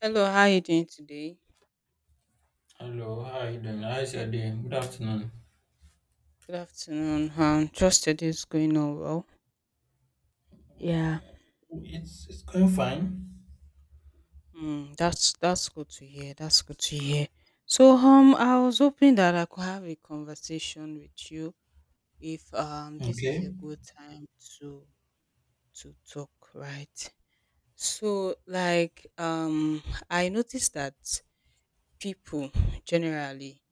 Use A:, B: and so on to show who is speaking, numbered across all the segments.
A: Hello, how are you doing today?
B: Hello, how are you doing? How's your day? Good afternoon.
A: Good afternoon. Trust your day is going on well. Yeah.
B: It's going fine.
A: Mm, that's good to hear. That's good to hear. So I was hoping that I could have a conversation with you if this is a
B: Okay.
A: good time to to talk, right? So I noticed that people generally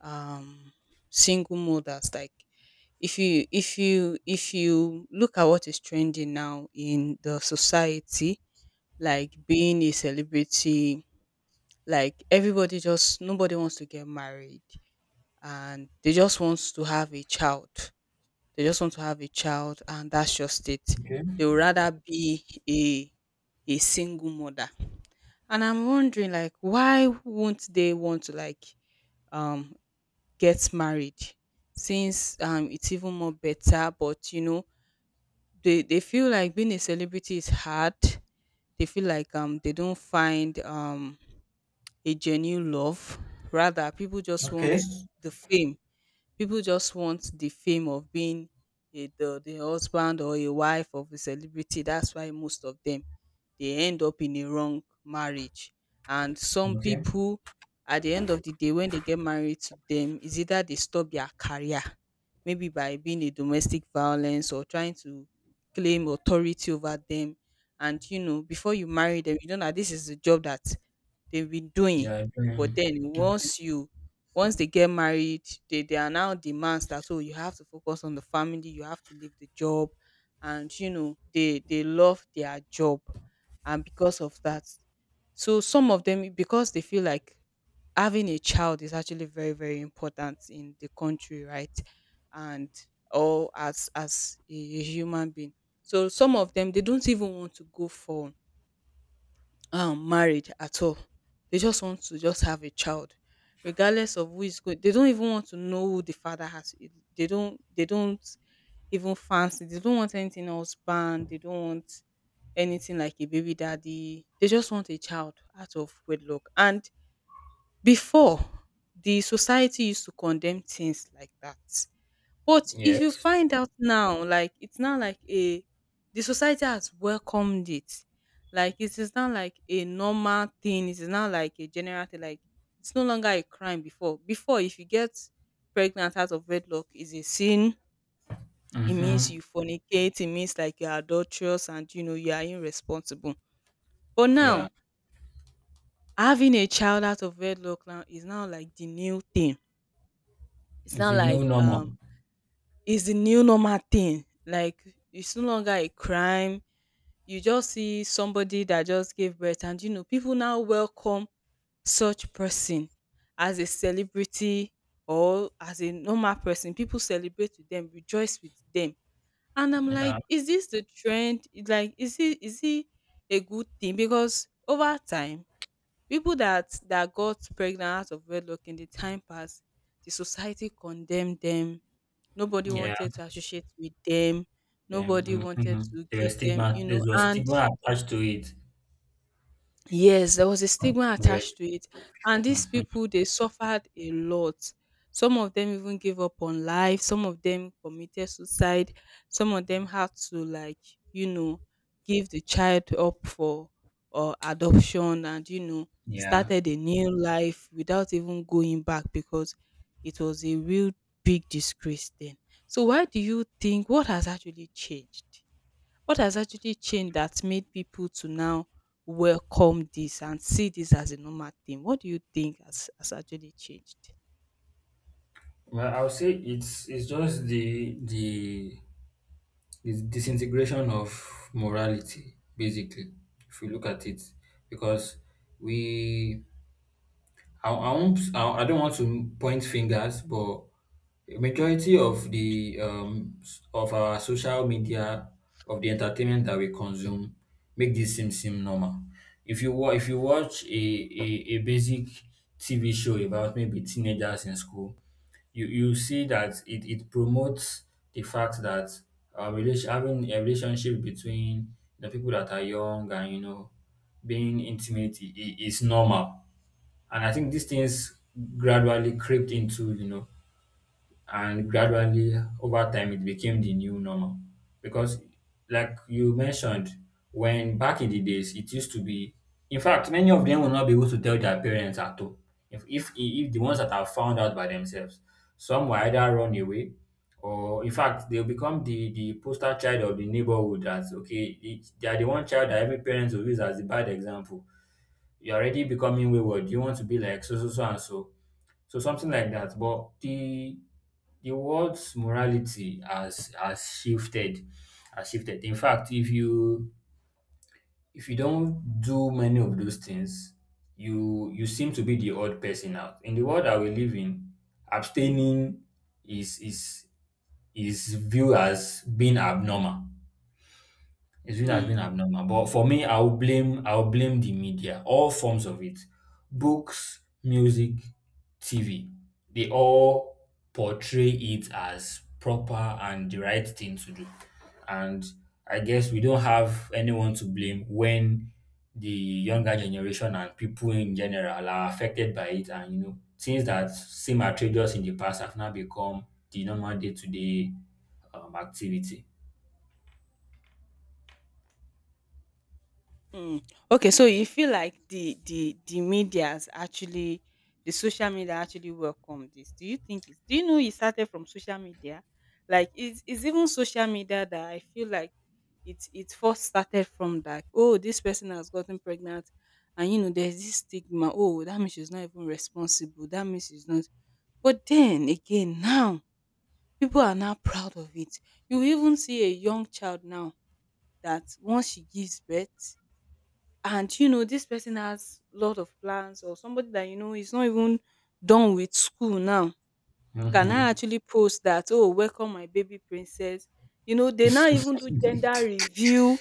A: um single mothers like. If you look at what is trending now in the society, like being a celebrity, like everybody just nobody wants to get married and they just want to have a child. They just want to have a child and that's just it.
B: Okay.
A: They would rather be a a single mother. And I'm wondering like why won't they want to like um get married since it's even more better but they feel like being a celebrity is hard. They feel like they don't find a genuine love. Rather, people just want
B: Okay.
A: the fame. People just want the fame of being a the husband or a wife of a celebrity. That's why most of them they end up in a wrong marriage. And some
B: Okay.
A: people at the end of the day when they get married to them is either they stop their career, maybe by being a domestic violence or trying to claim authority over them. And before you marry them you don't know that this is the job that they've been doing.
B: Yeah,
A: But
B: doing.
A: then
B: Okay.
A: once they get married, they are now demands that, oh, you have to focus on the family, you have to leave the job. And they love their job, and because of that, so some of them, because they feel like having a child is actually very very important in the country, right? And or as a human being, so some of them they don't even want to go for married at all. They just want to just have a child regardless of who is going. They don't even want to know who the father has e, they don't even fancy, they don't want anything else banned, they don't want anything like a baby daddy, they just want a child out of wedlock. And before, the society used to condemn things like that, but if you
B: Yes.
A: find out now, like it's not like a the society has welcomed it. Like it is not like a normal thing. It is not like a general thing. Like it's no longer a crime before. Before, if you get pregnant out of wedlock, is a sin. It means
B: Mm-hmm.
A: you fornicate. It means like you're adulterous and you are irresponsible. But
B: Yeah.
A: now having a child out of wedlock now is now like the new thing. It's
B: It's
A: not
B: the
A: like
B: new normal.
A: is the new normal thing. Like it's no longer a crime. You just see somebody that just gave birth, and people now welcome such person as a celebrity or as a normal person. People celebrate with them, rejoice with them, and I'm like,
B: Yeah.
A: is this the trend? Like, is it a good thing? Because over time, people that got pregnant out of wedlock in the time past, the society condemned them. Nobody
B: Yeah.
A: wanted to associate with them.
B: Yeah.
A: Nobody wanted
B: Mm-hmm.
A: to give
B: There's
A: them,
B: stigma. There's a
A: and
B: stigma attached to it.
A: yes, there was a stigma
B: Yeah.
A: attached to it, and these
B: Hmm.
A: people, they suffered a lot. Some of them even gave up on life, some of them committed suicide, some of them had to like, you know, give the child up for or adoption, and
B: Yeah.
A: started a new life without even going back because it was a real big disgrace then. So why do you think what has actually changed? What has actually changed that made people to now welcome this and see this as a normal thing? What do you think has actually changed?
B: Well, I'll say it's just the It's disintegration of morality, basically, if you look at it, because we, I won't, I don't want to point fingers, but a majority of the of our social media, of the entertainment that we consume make this seem normal. If you watch a a basic TV show about maybe teenagers in school, you see that it promotes the fact that having a relationship between the people that are young and you know being intimate is normal, and I think these things gradually crept into, you know, and gradually over time it became the new normal, because like you mentioned, when back in the days it used to be, in fact, many of them will not be able to tell their parents at all. If the ones that are found out by themselves, some will either run away or in fact they'll become the poster child of the neighborhood. That's okay, they are the one child that every parent will use as the bad example. You're already becoming wayward, you want to be like so so so and so, so something like that. But the world's morality has shifted, has shifted. In fact, if you, if you don't do many of those things, you seem to be the odd person out. In the world that we live in, abstaining is is is viewed as being abnormal. It's really has been
A: Hmm.
B: abnormal. But for me, I'll blame the media, all forms of it. Books, music, TV. They all portray it as proper and the right thing to do. And I guess we don't have anyone to blame when the younger generation and people in general are affected by it, and you know things that seem outrageous in the past have now become the normal day-to-day activity.
A: Mm. Okay, so you feel like the media's actually the social media actually welcome this. Do you think it's do you know it started from social media? Like it's even social media that I feel like it first started from, like, oh, this person has gotten pregnant, and there's this stigma, oh, that means she's not even responsible, that means she's not but then again, now people are now proud of it. You even see a young child now that once she gives birth, and this person has lot of plans or somebody that is not even done with school now, can I
B: Mhm.
A: actually post that, oh, welcome my baby princess. You know, they now even do gender review.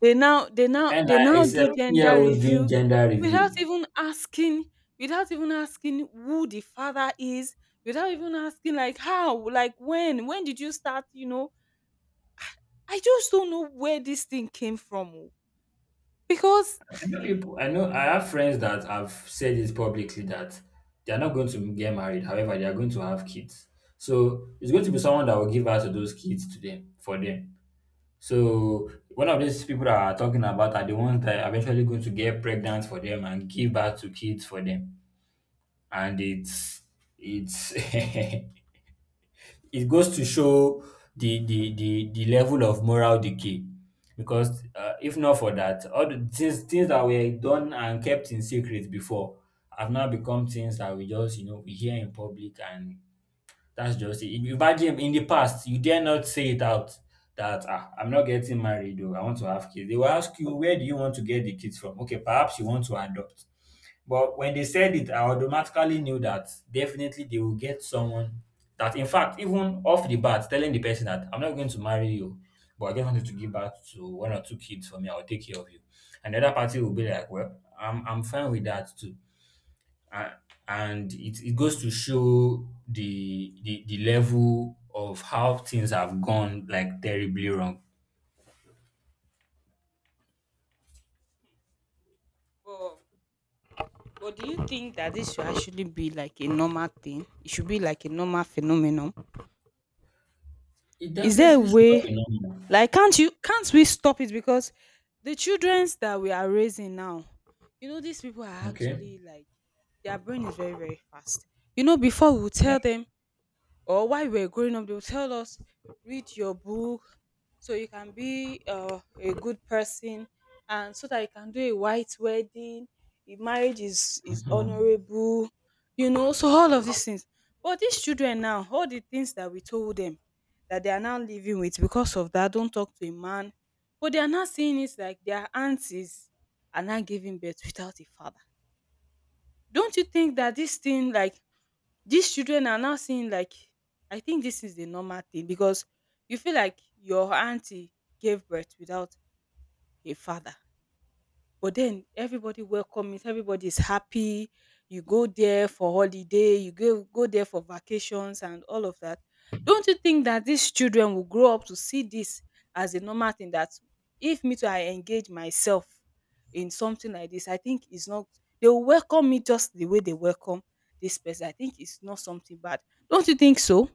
B: And
A: They
B: like a
A: now do
B: 17 year
A: gender
B: old doing
A: review
B: gender
A: without
B: review.
A: even asking, without even asking who the father is, without even asking like how, like when did you start, I just don't know where this thing came from, oh, because
B: I know people, I know, I have friends that have said it publicly that they are not going to get married. However, they are going to have kids. So it's going to be someone that will give birth to those kids to them, for them. So one of these people that are talking about are the ones that are eventually going to get pregnant for them and give birth to kids for them. And it's, it goes to show the the level of moral decay, because if not for that, all the things that were done and kept in secret before have now become things that we just, you know, we hear in public, and that's just it. Imagine in the past, you dare not say it out that ah, I'm not getting married though I want to have kids. They will ask you, where do you want to get the kids from? Okay, perhaps you want to adopt. But when they said it, I automatically knew that definitely they will get someone that, in fact, even off the bat, telling the person that I'm not going to marry you, but I just wanted to give birth to one or two kids for me, I'll take care of you. And the other party will be like, well, I'm fine with that too. And, and it goes to show the level of how things have gone like terribly wrong.
A: but But do you think that this should actually be like a normal thing? It should be like a normal phenomenon.
B: It
A: Is there a
B: definitely should not be
A: way
B: normal.
A: like can't you can't we stop it, because the childrens that we are raising now, these people are
B: Okay.
A: actually like their brain is very, very fast. You know, before we would
B: Yeah.
A: tell them or while we were growing up, they would tell us, read your book so you can be a good person, and so that you can do a white wedding. If is
B: Mhm.
A: honorable, so all of these things. But these children now, all the things that we told them that they are now living with because of that, don't talk to a man. But they are now seeing it like their aunties are now giving birth without a father. Don't you think that this thing, like, these children are now seeing like I think this is the normal thing because you feel like your auntie gave birth without a father. But then everybody welcome it, everybody is happy. You go there for holiday, you go there for vacations and all of that. Don't you think that these children will grow up to see this as a normal thing that if me too I engage myself in something like this, I think it's not they will welcome me just the way they welcome this person. I think it's not something bad. Don't you think so?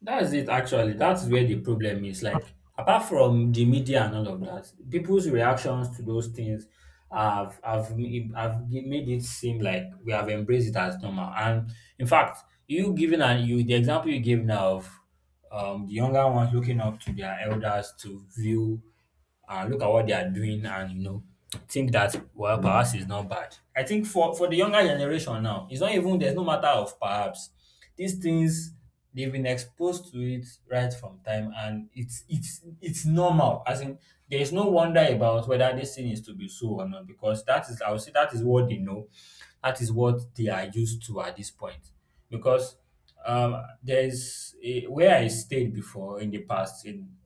B: That's it actually. That's where the problem is. Like apart from the media and all of that, people's reactions to those things have made it seem like we have embraced it as normal. And in fact, you giving and you the example you gave now of the younger ones looking up to their elders to view and look at what they are doing, and you know, think that, well, perhaps it's not bad. I think for the younger generation now, it's not even, there's no matter of perhaps. These things, they've been exposed to it right from time, and it's normal. As in, there is no wonder about whether this thing is to be so or not, because that is, I would say that is what they know. That is what they are used to at this point. Because there's where I stayed before in the past in,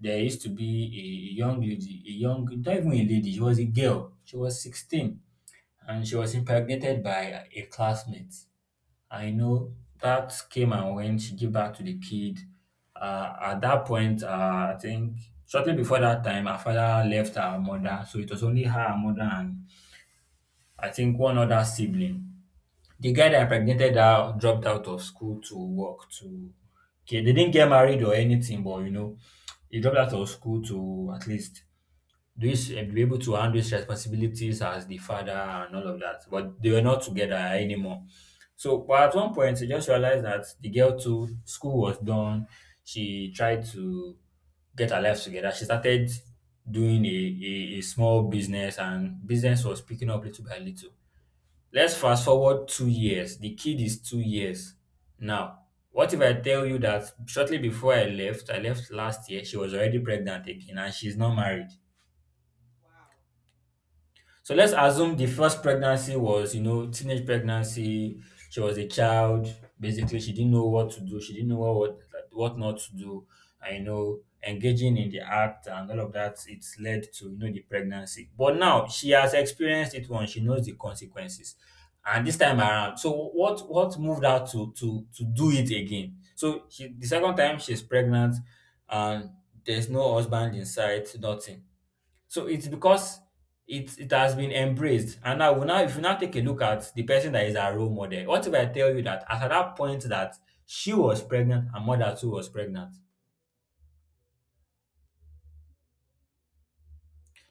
B: there used to be a young lady, a young, not even a lady, she was a girl. She was 16 and she was impregnated by a classmate. I know that came and went. She gave back to the kid. At that point, I think shortly before that time, her father left her mother. So it was only her, her mother, and I think one other sibling. The guy that impregnated her dropped out of school to work to. Okay, they didn't get married or anything, but you know, he dropped out of school to at least this be able to handle his responsibilities as the father and all of that. But they were not together anymore. So, but at one point, I just realized that the girl too, school was done. She tried to get her life together. She started doing a small business, and business was picking up little by little. Let's fast forward two years. The kid is two years now. What if I tell you that shortly before I left last year, she was already pregnant again and she's not married? So let's assume the first pregnancy was, you know, teenage pregnancy. She was a child. Basically, she didn't know what to do. She didn't know what not to do. And you know, engaging in the act and all of that, it's led to, you know, the pregnancy. But now she has experienced it once. She knows the consequences. And this time around, so what moved her to do it again? So she, the second time she's pregnant, and there's no husband in sight, nothing, so it's because it has been embraced. And now, we now if you now take a look at the person that is our role model, what if I tell you that as at that point that she was pregnant and mother too was pregnant,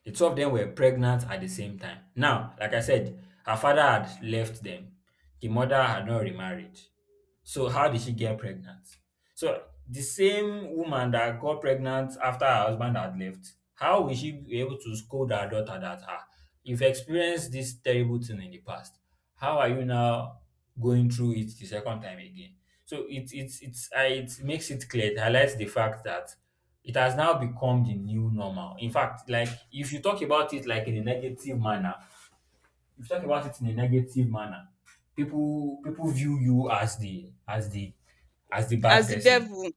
B: the two of them were pregnant at the same time. Now, like I said, her father had left them. The mother had not remarried. So how did she get pregnant? So the same woman that got pregnant after her husband had left, how will she be able to scold her daughter that ah, you've experienced this terrible thing in the past. How are you now going through it the second time again? So it makes it clear, it highlights the fact that it has now become the new normal. In fact, like if you talk about it like in a negative manner, if you talk about it in a negative manner, people view you as the as the as the
A: As
B: bad
A: the
B: person.
A: devil.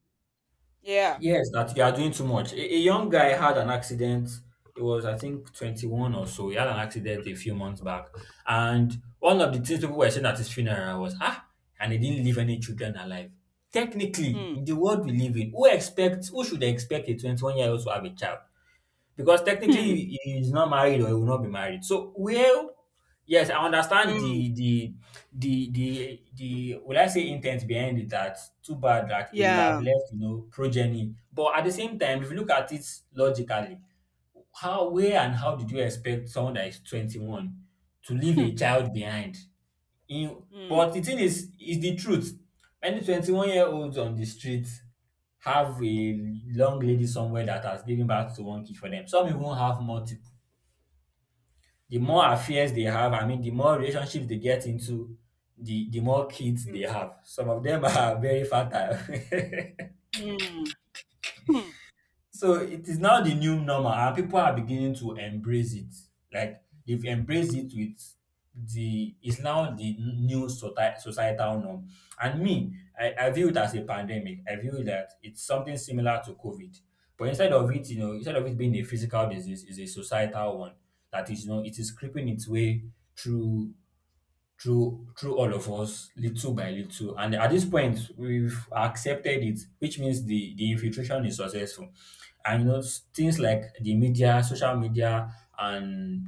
A: Yeah.
B: Yes, that you are doing too much. A young guy had an accident. It was, I think, 21 or so. He had an accident a few months back. And one of the things people were saying at his funeral was, ah, and he didn't leave any children alive. Technically,
A: Hmm.
B: in the world we live in, who should expect a 21-year-old to have a child? Because technically
A: Hmm.
B: he is not married or he will not be married. So well, yes, I understand
A: Hmm.
B: the the will I say intent behind it, that too bad that he will have
A: Yeah.
B: left, you know, progeny. But at the same time, if you look at it logically, how where and how did you expect someone that is 21 to leave
A: Hmm.
B: a child behind? In,
A: Hmm.
B: but the thing is the truth. Many 21-year-olds on the streets have a long lady somewhere that has given birth to one kid for them. Some even have multiple. The more
A: Hmm.
B: affairs they have, I mean, the more relationships they get into, the more kids they have. Some of them are very fertile.
A: Hmm. Hmm, that's
B: So it is now the new normal and people are beginning to embrace it. Like they've embraced it with the it's now the new societal norm. And me, I view it as a pandemic. I view that it's something similar to COVID. But instead of it, instead of it being a physical disease, it's a societal one that is, it is creeping its way through through all of us little by little. And at this point we've accepted it, which means the infiltration is successful. And you know, things like the media, social media, and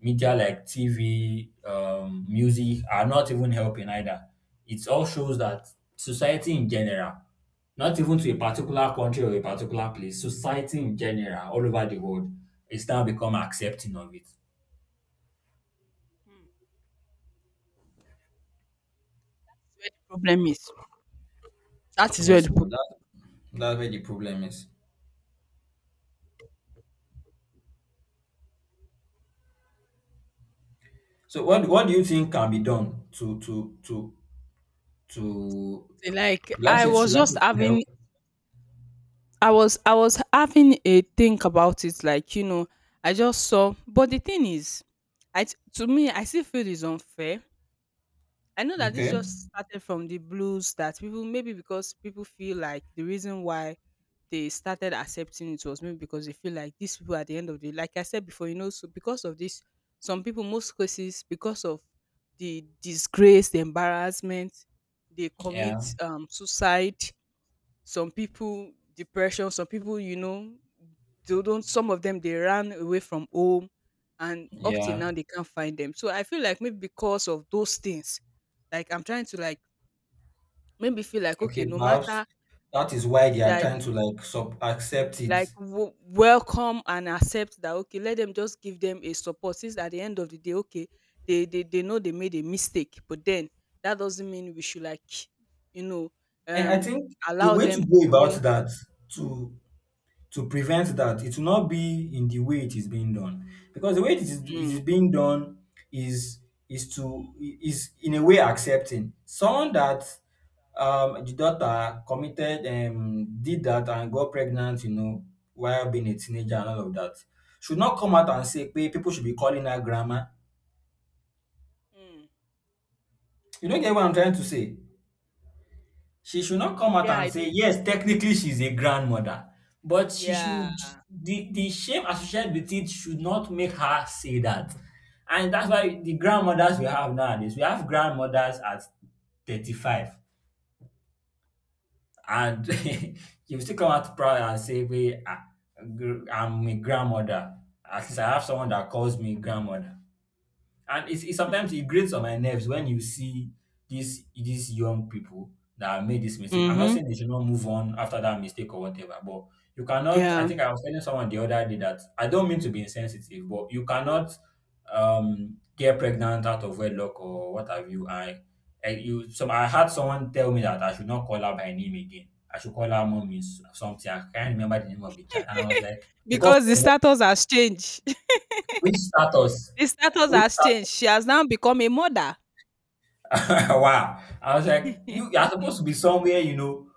B: media like tv, music are not even helping either. It all shows that society in general, not even to a particular country or a particular place, society in general all over the world is now become accepting of it.
A: where the problem is. That is where the
B: Yes, you
A: problem
B: know, that's where the problem is. So what do you think can be done to
A: is. Like
B: will I
A: I
B: say
A: was
B: should I
A: just
B: say to
A: having
B: help?
A: I was having a think about it, like, I just saw but the thing is, to me I still feel it's unfair. I know that this
B: Okay.
A: just started from the blues that people maybe because people feel like the reason why they started accepting it was maybe because they feel like these people at the end of the like I said before, so because of this, some people most cases because of the disgrace, the embarrassment, they commit
B: Yeah.
A: suicide, some people depression, some people they don't some of them they ran away from home and up till now
B: Yeah.
A: they can't find them. So I feel like maybe because of those things, like I'm trying to like maybe feel like, okay,
B: Okay.
A: no
B: Perhaps
A: matter
B: that is why they are
A: like
B: trying to like sub accept
A: like
B: it.
A: welcome and accept that, okay, let them just give them a support since at the end of the day, okay, they know they made a mistake, but then that doesn't mean we should like, you know
B: And I
A: um
B: think the
A: allow
B: way
A: them to
B: to go
A: do.
B: about that, to to prevent that, it will not be in the way it is being done, because the way it
A: Hmm.
B: is being done is is to is in a way accepting someone that, the daughter committed, did that and got pregnant, you know, while being a teenager and all of that. Should not come out and say pe people should be calling her grandma.
A: Hmm.
B: You don't get what I'm trying to say. She should not come out
A: Yeah.
B: and say, yes, technically she's a grandmother, but she
A: Yeah.
B: should, the shame associated with it should not make her say that. And that's why the grandmothers we have nowadays, we have grandmothers at 35 and you still come out proud and say, "Wait, I, I'm a grandmother. At least I have someone that calls me grandmother." And it's, it
A: Hmm.
B: sometimes it grates on my nerves when you see these young people that have made this mistake. I'm not
A: Mm-hmm.
B: saying they should not move on after that mistake or whatever, but you cannot. I
A: Yeah.
B: think I was telling someone the other day that I don't mean to be insensitive, but you cannot get pregnant out of wedlock or what have you. I had someone tell me that I should not call her by name again. I should call her mommy something. I can't remember the name of the child, and I was like, because of
A: Because the
B: what?
A: status has changed.
B: Which status?
A: The status
B: Which
A: has changed. She has now become a mother.
B: wow. I was like, you are supposed to be somewhere, you know,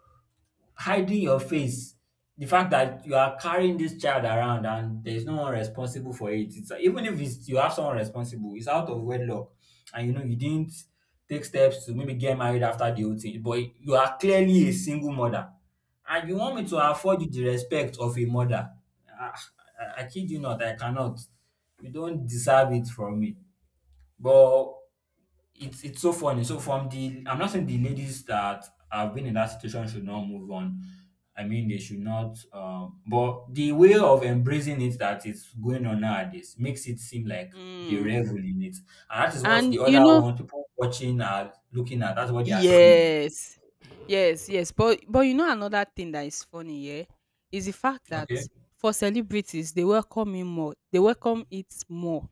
B: hiding your face. The fact that you are carrying this child around and there is no one responsible for it. It's, even if it's, you have someone responsible, it's out of wedlock, and you know you didn't take steps to maybe get married after the whole thing. But you are clearly a single mother, and you want me to
A: Hmm.
B: afford you the respect of a mother. Ah, I kid you not, I cannot. You don't deserve it from me. But it's so funny. So from the, I'm not saying the ladies that have been in that situation should not move on. I mean they should not, but the way of embracing it that is going on nowadays makes it seem like they
A: Mm.
B: revel in it. And that is what the
A: And
B: other one, people watching, are looking at. That's what they are seeing.
A: yes. Yes, yes, but another thing that is funny, yeah, is the fact that
B: Okay.
A: for celebrities they welcome him more, they welcome it more,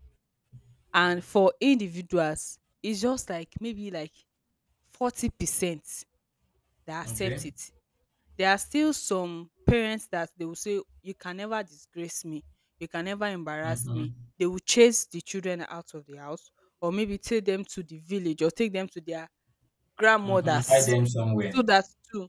A: and for individuals it's just like maybe like 40% that accept
B: Okay.
A: it. There are still some parents that they will say you can never disgrace me, you can never embarrass me.
B: Mm-hmm.
A: They will chase the children out of the house, or maybe take them to the village, or take them to their
B: Mm-hmm. Hide
A: grandmothers
B: them
A: so
B: somewhere.
A: that to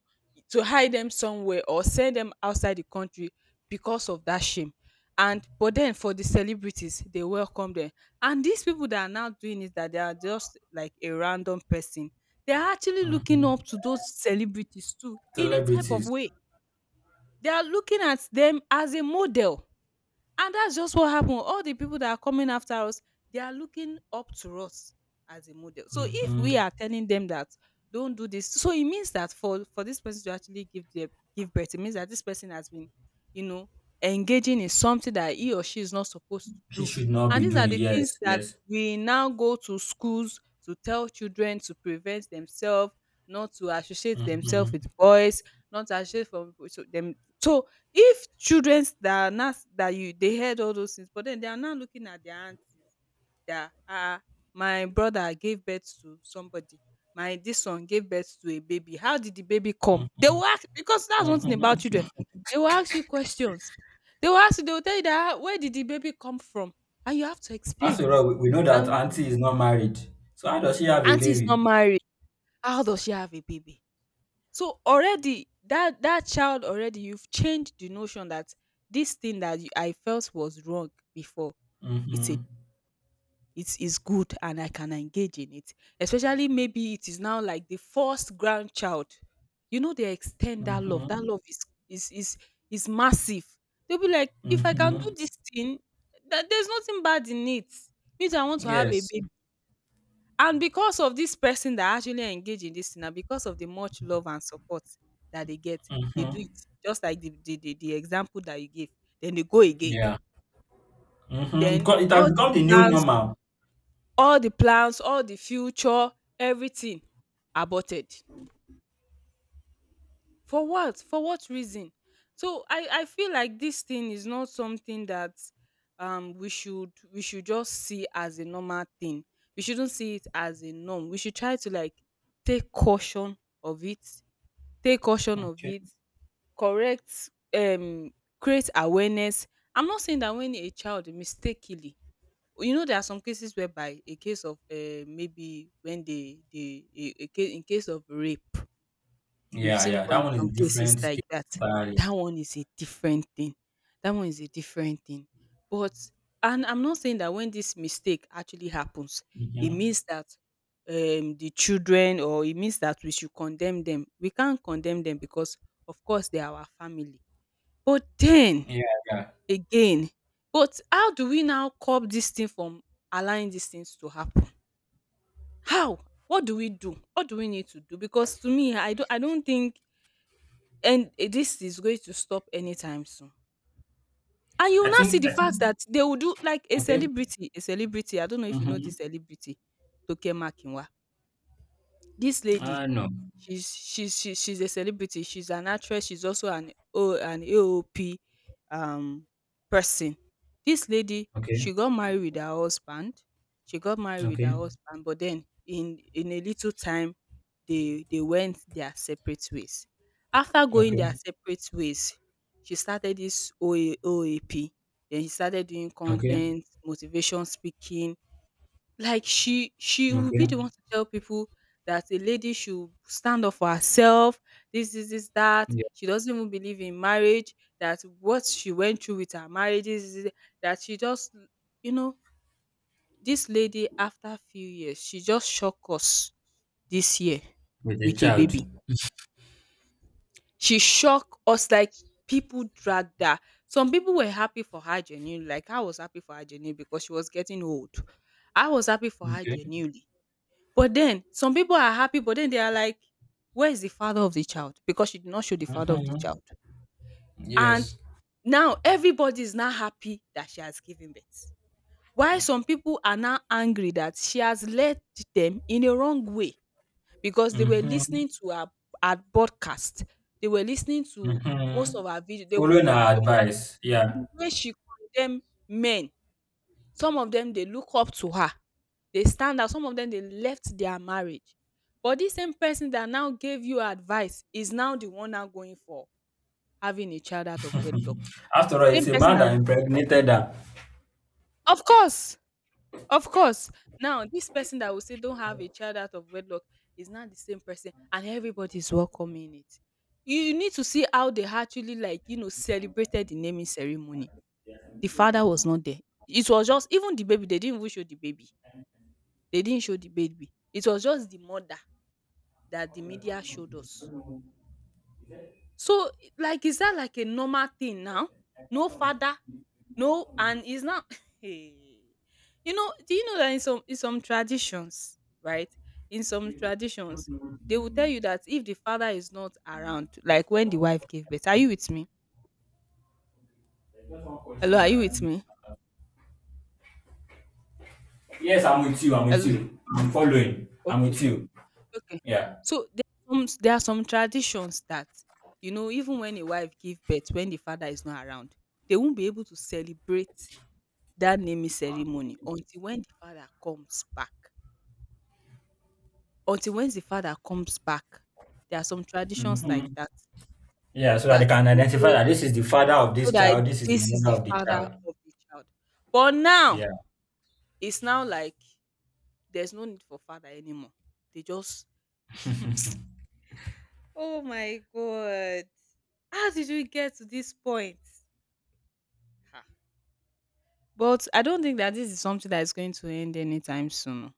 A: to hide them somewhere or send them outside the country because of that shame. And but then for the celebrities they welcome them, and these people that are now doing it that they are just like a random person, they are actually looking
B: Mm-hmm.
A: up to those celebrities too in a type of
B: Celebrities.
A: way, they are looking at them as a model. And that's just what happened. All the people that are coming after us, they are looking up to us as a model. So if we
B: Mm-hmm.
A: are telling them that don't do this, so it means that for this person to actually give birth, it means that this person has been, you know, engaging in something that he or she is not supposed to
B: He
A: do.
B: should not
A: And
B: be
A: these are
B: doing.
A: the things
B: Yes.
A: that
B: Yes.
A: we now go to schools to tell children to prevent themselves, not to associate themselves with
B: Mm-hmm.
A: boys, not to associate from so them. So if childrens that are now that you they heard all those things but then they are now looking at their aunties that my brother gave birth to somebody, my this one gave birth to a baby, how did the baby come? They will ask, because that's one thing about children,
B: Mm-hmm.
A: they will ask you questions. They will tell you that, "Ah, where did the baby come from?" And you have to explain.
B: After all, we know that
A: And
B: auntie is not married. So how does she have a
A: aunty is not
B: baby?
A: married, how does she have a baby? So already that child, already you've changed the notion that this thing that I felt was wrong before, it's
B: Mm-hmm.
A: a it is good and I can engage in it. Especially maybe it is now like the first grandchild. You know, they extend that love. That
B: Mm-hmm.
A: love is is is is massive. They'll be like, if I can
B: Mm-hmm.
A: do this thing, that there's nothing bad in it. Means I want to have a
B: Yes.
A: baby. And because of this person that actually engage in this thing and because of the much love and support that they get, they do
B: Mm-hmm.
A: it just like the the example that you gave. Then they go again.
B: Yeah. Mm-hmm. It,
A: Then
B: got, it has
A: all the
B: become the new
A: plans,
B: normal.
A: all the plans, all the future, everything aborted. For what? For what reason? So I feel like this thing is not something that we should just see as a normal thing. We shouldn't see it as a norm. We should try to like take caution of it, take caution of
B: Okay.
A: it, correct, um, create awareness. I'm not saying that when a child mistakenly, you know, there are some cases whereby a case of maybe when they a case, in case of rape. We've
B: Yeah,
A: seen
B: yeah. That
A: con
B: one is
A: some cases
B: different
A: like
B: case
A: that.
B: entirely.
A: That one is a different thing. That one is a different thing. But and I'm not saying that when this mistake actually happens, it
B: Mm-hmm.
A: means that the children, or it means that we should condemn them. We can't condemn them because of course they are our family. But then
B: Yeah, yeah.
A: again, but how do we now curb this thing from allowing these things to happen? How? What do we do? What do we need to do? Because to me, I don't think. And this is going to stop anytime soon. And you will
B: I
A: now see
B: think
A: the
B: I think
A: fact that they will do like
B: okay.
A: a celebrity. I don't know if you know
B: Mm-hmm.
A: this celebrity, Toke Makinwa. This lady,
B: No.
A: she's a celebrity. She's an actress. She's also an O an AOP um person. This lady,
B: Okay.
A: she got married with her husband. She got married with her
B: Okay.
A: husband, but then in a little time, they went their separate ways. After going their
B: Okay.
A: separate ways, she started this OAOAP. Then she started doing
B: Okay.
A: content, motivation speaking, like she will be
B: Okay.
A: the one to tell people that a lady should stand up for herself, this, that.
B: Yeah.
A: She doesn't even believe in marriage, that what she went through with her marriage, this, that she just, you know, this lady, after a few years, she just shocked us this year
B: With a
A: with a
B: child.
A: baby. She shocked us, like, people dragged her. Some people were happy for her genuinely. Like, I was happy for her genuinely because she was getting old. I was happy for her
B: Okay.
A: genuinely. But then some people are happy, but then they are like, where is the father of the child? Because she did not show the father of the
B: Mm-hmm.
A: child. And
B: Yes.
A: now everybody is now happy that she has given birth. Why some people are now angry, that she has led them in a wrong way because they were
B: Mm-hmm.
A: listening to her, her podcast. They were listening to most of
B: Mhm.
A: her videos. They
B: Following
A: watched
B: her
A: some,
B: advice,
A: and
B: yeah.
A: the way she condemned men, some of them they look up to her, they stand out. Some of them, they left their marriage. But this same person that now gave you advice is now the one now going for having a child out of wedlock.
B: After all,
A: The same
B: it's a
A: person
B: man
A: that,
B: that impregnated her.
A: of course, of course. Now, this person that will say don't have a child out of wedlock is not the same person, and everybody's welcoming it. You need to see how they actually, like, you know, celebrated the naming ceremony. The father was not there. It was just, even the baby, they didn't even show the baby. They didn't show the baby. It was just the mother that the media showed us. So, like, is that like a normal thing now? No father, no, and it's not. Hey. You know, do you know that in some traditions, right? In some traditions, they will tell you that if the father is not around, like when the wife gave birth, are you with me? Hello, are you with me?
B: Yes, I'm with you. I'm with
A: Hello,
B: you. I'm following. I'm
A: okay,
B: with you.
A: okay.
B: Yeah.
A: So there are some traditions that, you know, even when a wife gives birth, when the father is not around, they won't be able to celebrate that naming ceremony until when the father comes back. Until when the father comes back, there are some traditions like
B: Hmm.
A: that,
B: Yeah, so that they
A: that
B: can
A: they
B: identify
A: say,
B: that this is the father of
A: so
B: this
A: that
B: child, this is the
A: this is
B: mother
A: the
B: of the
A: father
B: child.
A: of the child. But now
B: Yeah.
A: it's now like there's no need for father anymore. They just, oh my god, how did we get to this point? Ha. But I don't think that this is something that is going to end anytime soon.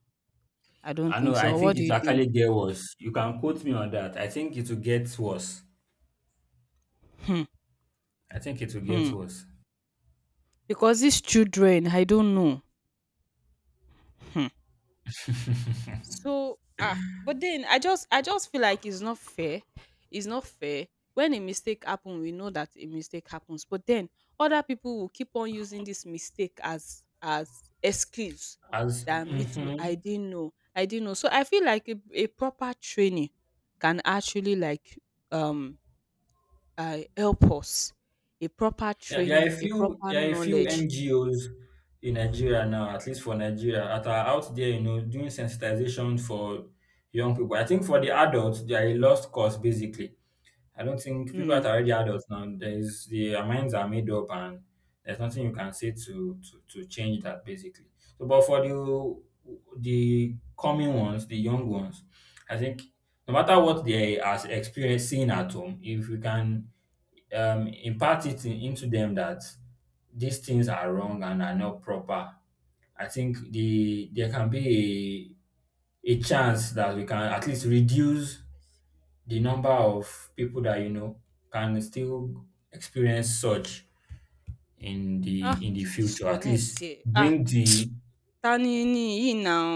A: I don't
B: I know.
A: think
B: I
A: so. What
B: think
A: do
B: it
A: you
B: will
A: think?
B: actually get worse. You can quote me on that. I think it will get worse.
A: Hmm,
B: I think it will get
A: hmm.
B: worse.
A: Because these children, I don't know. Hmm. So but then I just feel like it's not fair. It's not fair. When a mistake happens, we know that a mistake happens. But then other people will keep on using this mistake as excuse
B: As,
A: that, me too. I didn't know. I didn't know. So I feel like a proper training can actually like um help us. A proper
B: yeah, there are a
A: training, a
B: few,
A: proper
B: there are a few
A: knowledge.
B: NGOs in Nigeria now, at least for Nigeria, that are out there, you know, doing sensitization for young people. I think for the adults, they are a lost cause basically. I don't think people
A: Mm.
B: that are already adults now, there's, their minds are made up and there's nothing you can say to to change that basically. So but for the coming ones, the young ones, I think no matter what they are experiencing at home, if we can impart it in, into them that these things are wrong and are not proper. I think the there can be a chance that we can at least reduce the number of people that, you know, can still experience such
A: Ah! Ó
B: in the
A: ti
B: future. At
A: disconnect
B: least
A: ẹ̀. Ah!
B: bring the
A: Ta ni ni yìí now?